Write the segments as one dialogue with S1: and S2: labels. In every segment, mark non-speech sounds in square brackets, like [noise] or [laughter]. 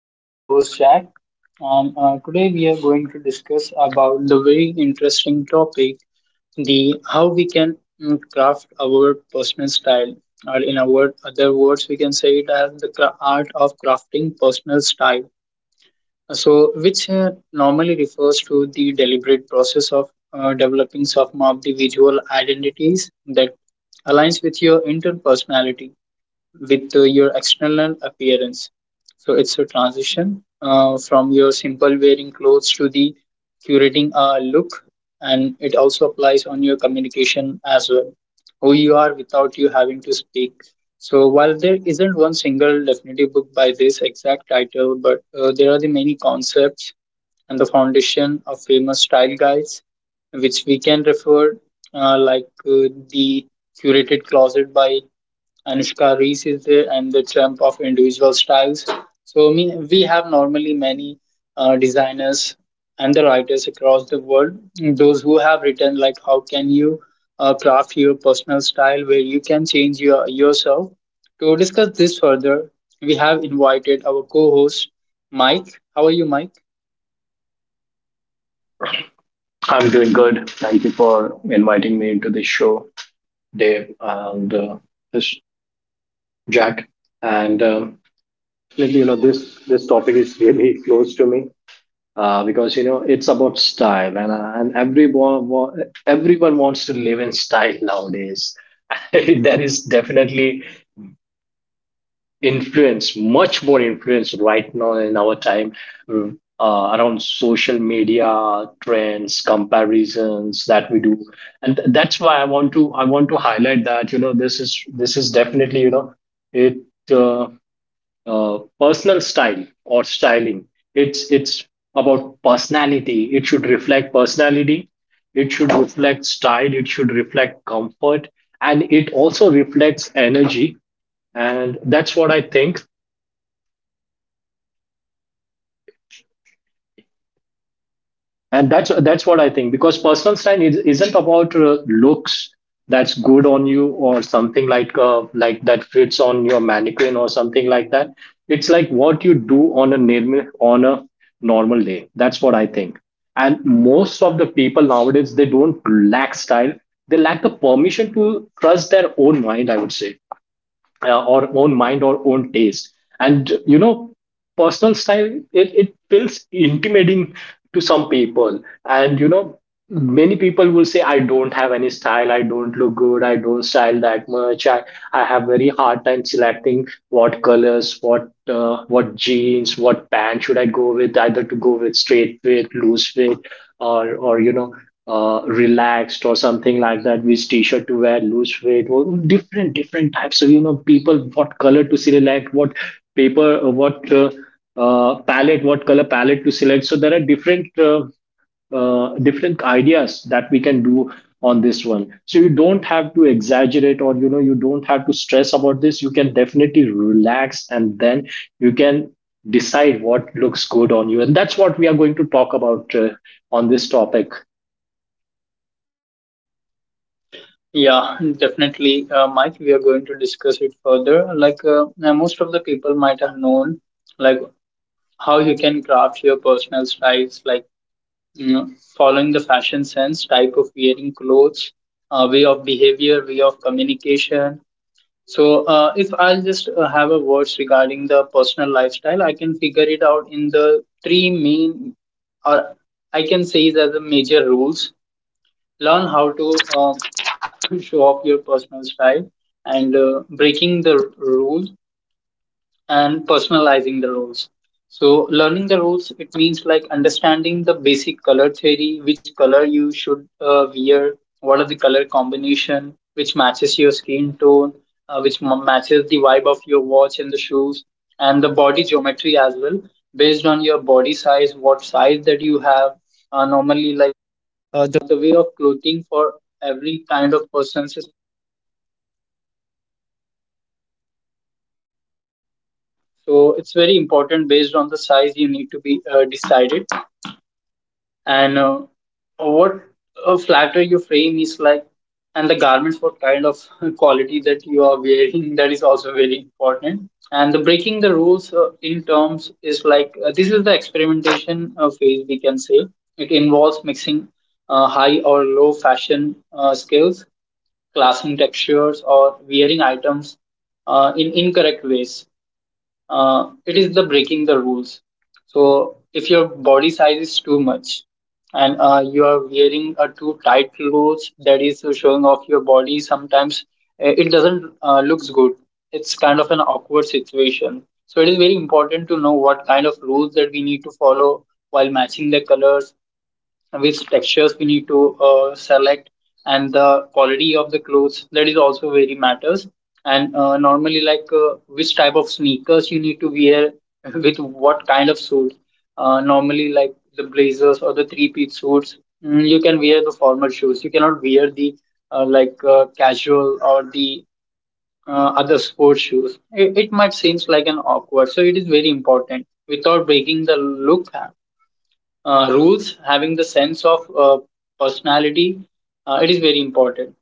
S1: I'm your host Jack, and today we are going to discuss about the very interesting topic: the how we can craft our personal style, or in other words, we can say it as the art of crafting personal style. So, which normally refers to the deliberate process of developing some of the visual identities that aligns with your internal personality with your external appearance. So it's a transition from your simple wearing clothes to the curating a look, and it also applies on your communication as well. Who you are without you having to speak. So while there isn't one single definitive book by this exact title, but there are the many concepts and the foundation of famous style guides, which we can refer the curated closet by Anushka Reese is there, and the trump of individual styles. So, I mean, we have normally many designers and the writers across the world, those who have written like how can you craft your personal style where you can change your yourself. To discuss this further, we have invited our co-host Mike. How are you, Mike?
S2: I'm doing good. Thank you for inviting me into this show, Dave and this Jack. And Really, you know, this topic is really close to me because you know it's about style, and and everyone wants to live in style nowadays. [laughs] There is definitely influence, much more influence right now in our time uh, around social media trends, comparisons that we do, and that's why I want to highlight that you know this is definitely, you know, it uh, personal style or styling. It's about personality. It should reflect personality. It should reflect style. It should reflect comfort, and it also reflects energy, and that's what I think, because personal style isn't about looks that's good on you or something like that fits on your mannequin or something like that. It's like what you do on a normal day. That's what I think. And most of the people nowadays, they don't lack style, they lack the permission to trust their own mind, I would say. Or own mind or own taste. And you know, personal style, it feels intimidating to some people. And you know, many people will say, I don't have any style, I don't look good, I don't style that much. I have very hard time selecting what colors, what jeans, what pants should I go with, either to go with straight fit, loose fit, or you know, relaxed or something like that, which t-shirt to wear, loose fit or different types of, you know, people, what color to select, what paper, what palette, what color palette to select. So there are different, different ideas that we can do on this one. So you don't have to exaggerate, or you know, you don't have to stress about this. You can definitely relax, and then you can decide what looks good on you. And that's what we are going to talk about, on this topic.
S1: Yeah, definitely, Mike. We are going to discuss it further. Like now most of the people might have known, like how you can craft your personal styles, like, you know, following the fashion sense, type of wearing clothes, way of behavior, way of communication. So, if I'll just have a words regarding the personal lifestyle, I can figure it out in the three main, or I can say it as the major rules. Learn how to show off your personal style and breaking the rule and personalizing the roles. So, learning the rules, it means like understanding the basic color theory, which color you should wear, what are the color combination, which matches your skin tone, matches the vibe of your watch and the shoes, and the body geometry as well, based on your body size, what size that you have. Normally, and what a flat rate you frame is like, and the garments, what kind of [laughs] quality that you are wearing, that is also very important. And the breaking the rules in terms is like this is the experimentation phase, we can say it involves mixing high or low fashion skills, classing textures or wearing items in incorrect ways. It is the breaking the rules. So if your body size is too much and you are wearing a too tight clothes that is showing off your body, sometimes it doesn't looks good. It's kind of an awkward situation. So it is very important to know what kind of rules that we need to follow while matching the colors, which textures we need to select, and the quality of the clothes, that is also very matters. And normally like which type of sneakers you need to wear [laughs] with what kind of suit. Normally like the blazers or the three-piece suits, you can wear the formal shoes, you cannot wear the casual or the uh, other sports shoes. It might seems like an awkward, so it is very important, without breaking the look rules, having the sense of personality, it is very important.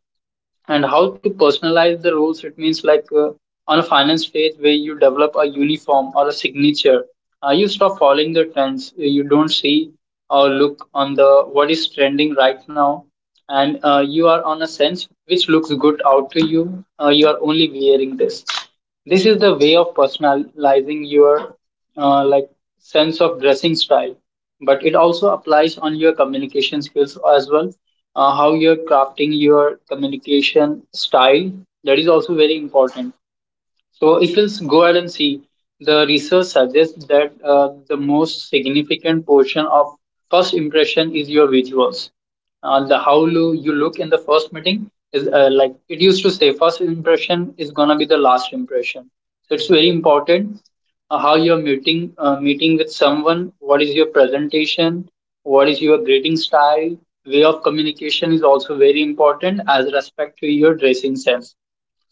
S1: And how to personalize the rules, it means like on a finance page where you develop a uniform or a signature, you stop following the trends. You don't see or look on the what is trending right now, and you are on a sense which looks good out to you. You are only wearing this. This is the way of personalizing your uh, like sense of dressing style, but it also applies on your communication skills as well. How you're crafting your communication style, that is also very important. So if we go ahead and see, the research suggests that the most significant portion of first impression is your visuals. You look in the first meeting is like it used to say, first impression is gonna be the last impression. So it's very important how you're meeting meeting with someone. What is your presentation? What is your greeting style? Way of communication is also very important as respect to your dressing sense,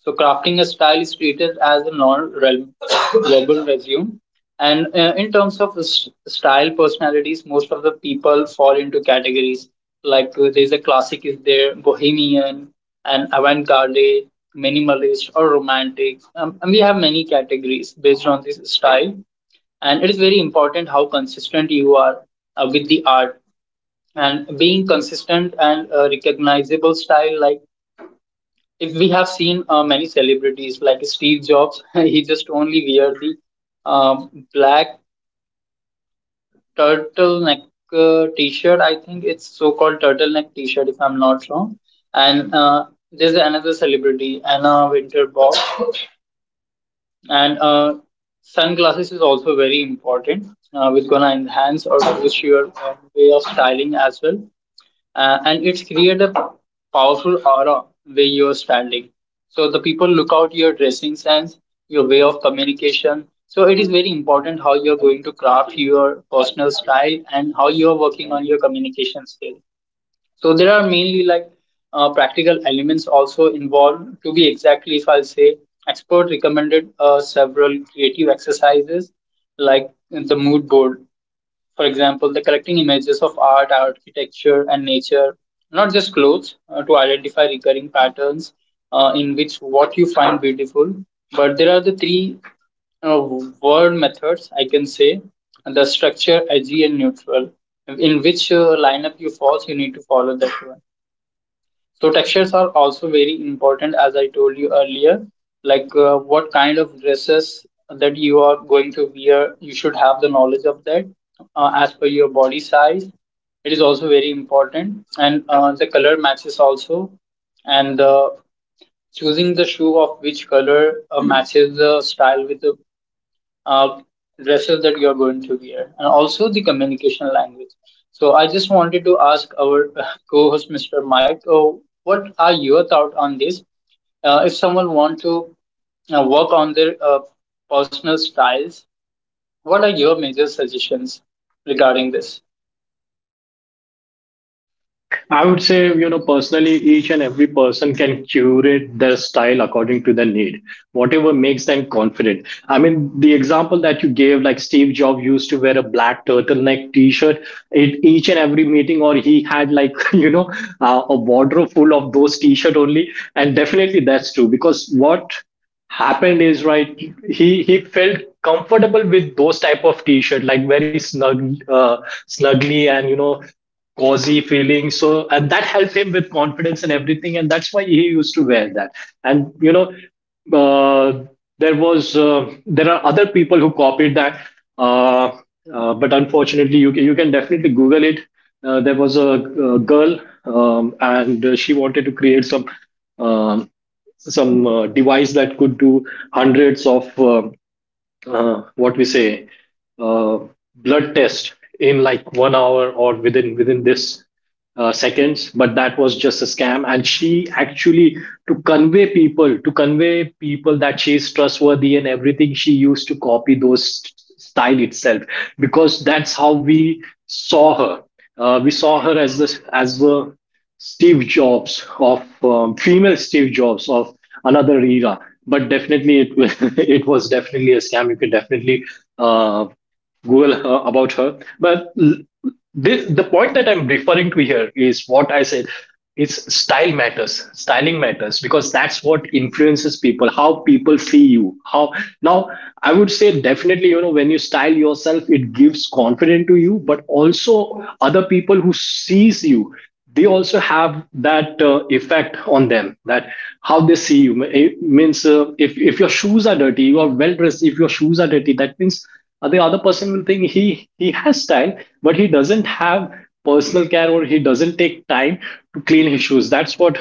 S1: so crafting a style is treated as a non-verbal [coughs] resume. And in terms of style personalities, most of the people fall into categories like there's a classic is there, bohemian, and avant-garde, minimalist, or romantic. And we have many categories based on this style. And it is very important how consistent you are with the art. And being consistent and recognizable style, like if we have seen many celebrities like Steve Jobs, [laughs] he just only wear the black turtleneck t-shirt. I think it's so-called turtleneck t-shirt, if I'm not wrong. And there's another celebrity, Anna Winterbock, and sunglasses is also very important. Which gonna enhance or boost your way of styling as well. And it's created a powerful aura where you're standing. So the people look out your dressing sense, your way of communication. So it is very important how you're going to craft your personal style and how you're working on your communication skill. So there are mainly like practical elements also involved. To be exactly, if I'll say, expert recommended several creative exercises like the mood board, for example, the collecting images of art, architecture, and nature, not just clothes, to identify recurring patterns in which what you find beautiful. But there are the three uh, word methods, I can say, the structure, edgy, and neutral. In which lineup you fall, you need to follow that one. So textures are also very important, as I told you earlier, like what kind of dresses that you are going to wear. You should have the knowledge of that as per your body size. It is also very important, and the color matches also, and choosing the shoe of which color matches the style with the uh, dresses that you're going to wear and also the communication language. So I just wanted to ask our [laughs] co-host Mr. Mike, oh, what are your thoughts on this? If someone want to work on their personal styles, what are your major suggestions regarding this?
S2: I would say, you know, personally, each and every person can curate their style according to their need, whatever makes them confident. I mean, the example that you gave, like Steve Jobs used to wear a black turtleneck T-shirt at each and every meeting, or he had like, [laughs] you know, a wardrobe full of those T-shirt only. And definitely that's true, because what happened is, right, he felt comfortable with those type of t-shirt, like very snug, snugly, and you know, cozy feeling. So, and that helped him with confidence and everything, and that's why he used to wear that. And you know, uh, there are other people who copied that, uh, but unfortunately, you can definitely Google it. There was a girl, and she wanted to create some. Um, some device that could do hundreds of what we say uh, blood test in like 1 hour, or within this seconds. But that was just a scam. And she actually, to convey people that she's trustworthy and everything, she used to copy those style itself, because that's how we saw her. We saw her as the Steve Jobs of, female Steve Jobs of another era. But definitely, it was- [laughs] it was definitely a scam. You can definitely uh, Google her, about her. This, the point that I'm referring to here is what I said. It's style matters, styling matters, because that's what influences people, how people see you. How, now, I would say definitely, you know, when you style yourself, it gives confidence to you, but also other people who sees you, they also have that effect on them. That how they see you, it means if your shoes are dirty, you are well dressed. If your shoes are dirty, that means the other person will think he has style, but he doesn't have personal care, or he doesn't take time to clean his shoes. That's what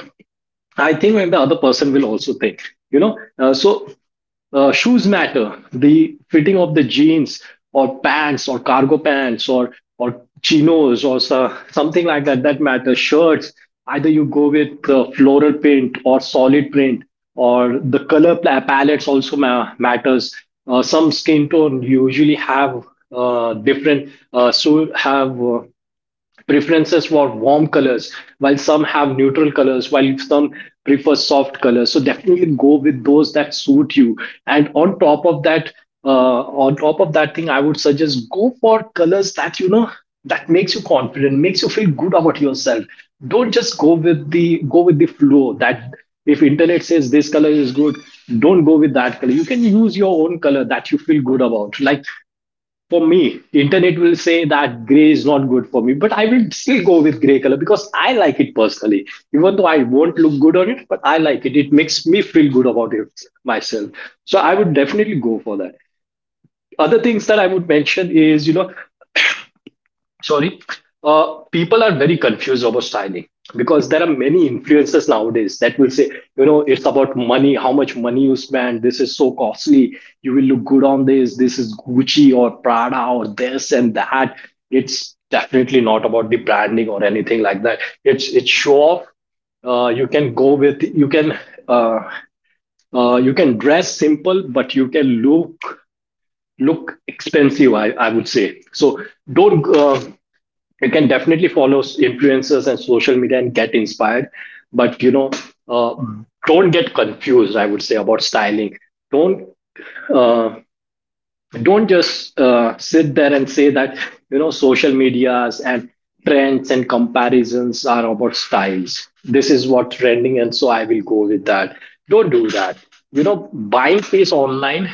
S2: I think. And the other person will also think, you know. Shoes matter, the fitting of the jeans or pants or cargo pants or chinos or so, something like that, that matters. Shirts, either you go with floral print or solid print, or the palettes also matters. Some skin tone usually have different so have preferences for warm colors, while some have neutral colors, while some prefer soft colors. So definitely go with those that suit you. And on top of that, on top of that thing I would suggest, go for colors that, you know, that makes you confident, makes you feel good about yourself. Don't just go with the flow. That if internet says this color is good, don't go with that color. You can use your own color that you feel good about. Like for me, the internet will say that gray is not good for me, but I will still go with gray color because I like it personally. Even though I won't look good on it, but I like it. It makes me feel good about it myself. So I would definitely go for that. Other things that I would mention is, you know, sorry people are very confused about styling, because there are many influencers nowadays that will say, you know, it's about money, how much money you spend, this is so costly, you will look good on this, this is Gucci or Prada or this and that. It's definitely not about the branding or anything like that. It's show off. You can uh, you can dress simple, but you can look expensive, I would say. So don't, you can definitely follow influencers and social media and get inspired, but you know, uh, don't get confused, I would say, about styling. Don't uh, don't just sit there and say that, you know, social medias and trends and comparisons are about styles, this is what trending, and so I will go with that. Don't do that. You know, buying things online,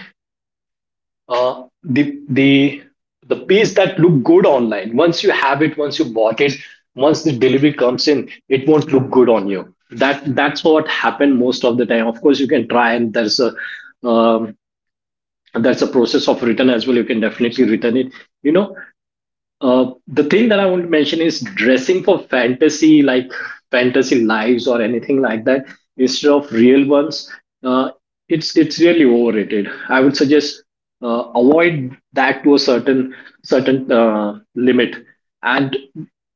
S2: uh, the the the piece that look good online, once you have it, once you bought it, once the delivery comes in, it won't look good on you. That that's what happened most of the time. Of course you can try, and there's a, um, that's a process of return as well, you can definitely return it, you know. The thing that I want to mention is dressing for fantasy, like fantasy lives or anything like that, instead of real ones. Uh, it's really overrated. I would suggest avoid that to a certain limit. And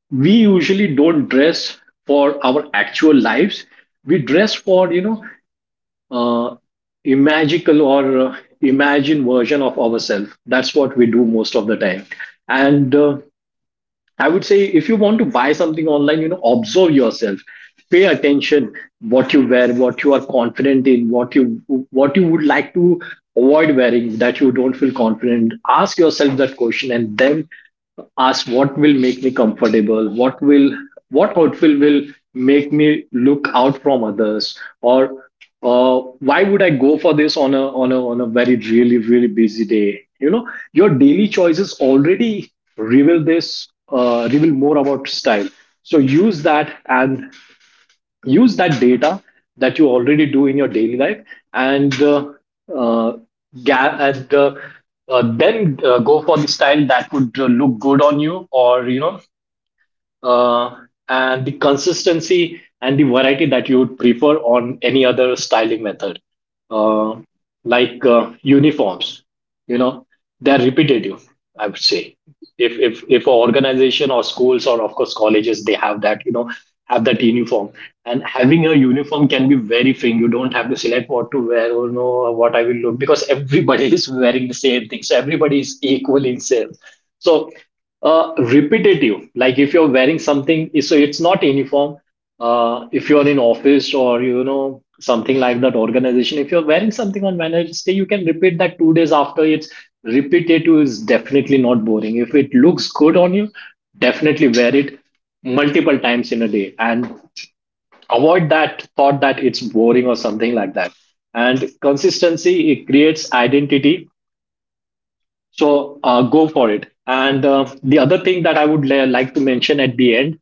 S2: we usually don't dress for our actual lives. We dress for, you know, uh, imagical or imagine version of ourselves. That's what we do most of the time. And I would say, if you want to buy something online, you know, observe yourself, pay attention, what you wear, what you are confident in, what you, what you would like to avoid wearing, that you don't feel confident. Ask yourself that question, and then ask, what will make me comfortable, what will, what outfit will make me look out from others, or why would I go for this on a very, really, really busy day? You know, your daily choices already reveal this, reveal more about style. So use that, and use that data that you already do in your daily life. And uh, ga- and then go for the style that would look good on you, or, you know, uh, and the consistency and the variety that you would prefer on any other styling method, uh, like uniforms. You know, they're repetitive. I would say, if if an organization or schools or of course colleges, they have that, you know, have that uniform. And having a uniform can be very freeing. You don't have to select what to wear or know what I will look, because everybody [laughs] is wearing the same thing, so everybody is equal in sales. So repetitive. Like if you're wearing something, so it's not uniform. If you're in office, or you know, something like that organization, if you're wearing something on Wednesday, you can repeat that 2 days after. It's, repetitive is definitely not boring. If it looks good on you, definitely wear it multiple times in a day, and avoid that thought that it's boring or something like that. And consistency, it creates identity. So go for it. And the other thing that I would li- like to mention at the end,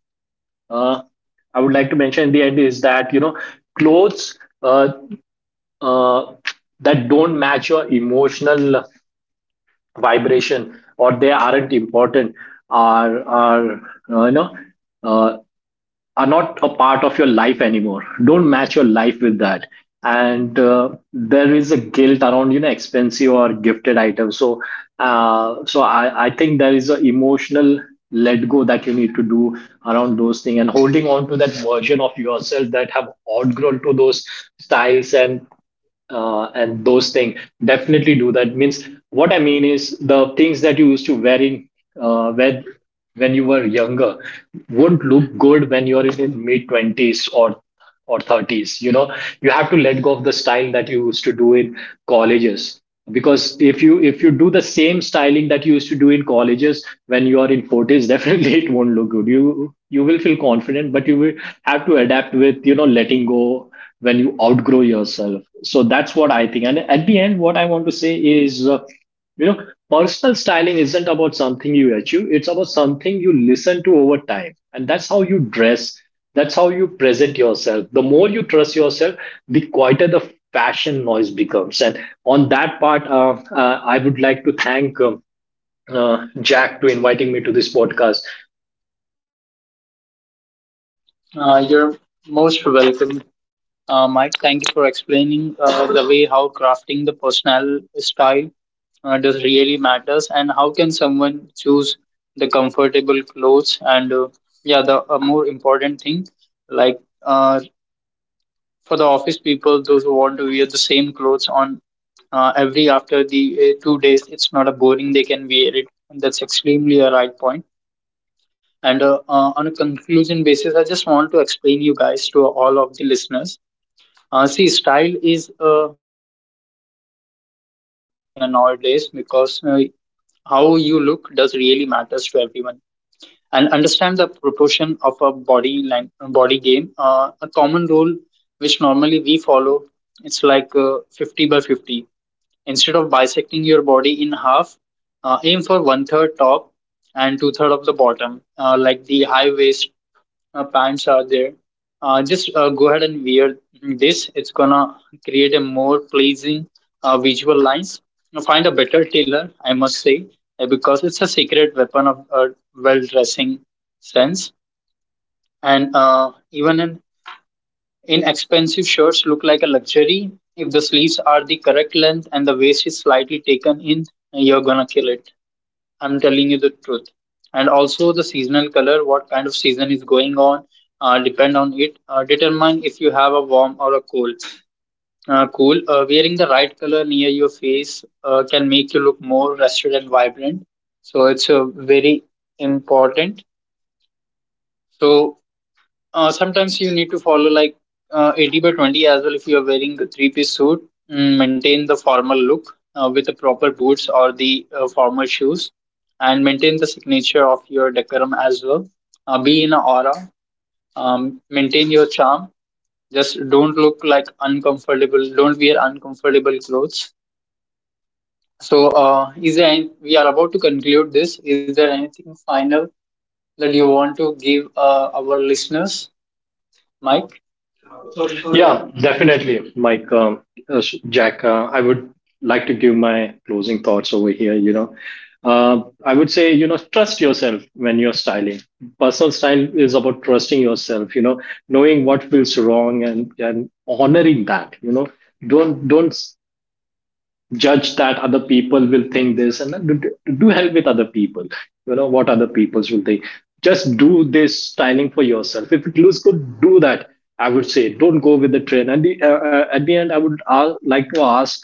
S2: uh, I would like to mention at the end is that, you know, clothes, uh, that don't match your emotional vibration or they aren't important, are you know, uh, are not a part of your life anymore. Don't match your life with that. And there is a guilt around, you know, expensive or gifted items. So so I think there is an emotional let go that you need to do around those things, and holding on to that version of yourself that have outgrown to those styles and those things, definitely do that. Means, what I mean is, the things that you used to wear in uh, when when you were younger won't look good when you're in mid 20s or 30s, you know. You have to let go of the style that you used to do in colleges, because if you do the same styling that you used to do in colleges when you are in 40s, [laughs] definitely it won't look good. You will feel confident, but you will have to adapt with, you know, letting go when you outgrow yourself. So that's what I think. And at the end, what I want to say is, you know, personal styling isn't about something you achieve, it's about something you listen to over time. And that's how you dress, that's how you present yourself. The more you trust yourself, the quieter the fashion noise becomes. And on that part, I would like to thank, Jack, to inviting me to this podcast.
S1: You're most welcome, Mike. Thank you for explaining the way how crafting the personal style does really matters and how can someone choose the comfortable clothes, and yeah, the a more important thing, like uh, for the office people those who want to wear the same clothes on every after the 2 days, it's not a boring, they can wear it, and that's extremely a right point. And on a conclusion basis, I just want to explain you guys to all of the listeners. See, style is very important right now in the nowadays, because how you look does really matters to everyone. Understand the proportion of a body body game. A common rule which normally we follow, it's like 50 by 50. Instead of bisecting your body in half, aim for one third top and two third of the bottom, like the high waist pants are there. Just go ahead and wear this. It's gonna create a more pleasing visual lines. You find a better tailor, I must say, because it's a secret weapon of well dressing sense. And even in inexpensive shirts look like a luxury. If the sleeves are the correct length and the waist is slightly taken in, you're gonna kill it. I'm telling you the truth. And also the seasonal color, what kind of season is going on, depend on it. Determine if you have a warm or a cold. Cool. Wearing the right color near your face can make you look more rested and vibrant. So it's very important. So sometimes you need to follow like 80 by 20 as well. If you are wearing a three-piece suit, maintain the formal look with the proper boots or the formal shoes, and maintain the signature of your decorum as well. Be in an aura, maintain your charm. Just don't look like uncomfortable, don't wear uncomfortable clothes. So is there any, we are about to conclude, this is there anything final that you want to give our listeners, Mike?
S2: Yeah, definitely, Mike, Jack. I would like to give my closing thoughts over here. You know, I would say, you know, trust yourself when you're styling. Personal style is about trusting yourself. You know, knowing what feels wrong, and honoring that. You know, don't judge that other people will think this, and then do, do help with other people, you know, what other peoples will think. Just do this styling for yourself. If it looks good, do that. I would say, don't go with the trend. At the end, I would like to ask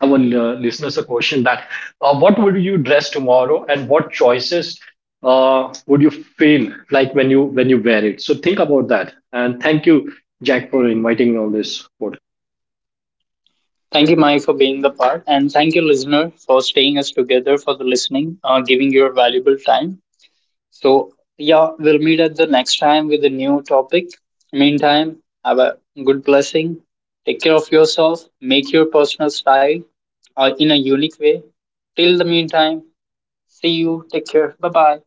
S2: our listeners a question that, what would you dress tomorrow, and what choices would you feel like when you, when you wear it. So think about that, and thank you, Jack, for inviting me on this podcast.
S1: Thank you, Mike, for being the part, and thank you, listener, for staying us together, for the listening, giving your valuable time. So, yeah, we'll meet at the next time with a new topic. Meantime, have a good blessing. Take care of yourself. Make your personal style in a unique way. Till the meantime, see you. Take care. Bye bye.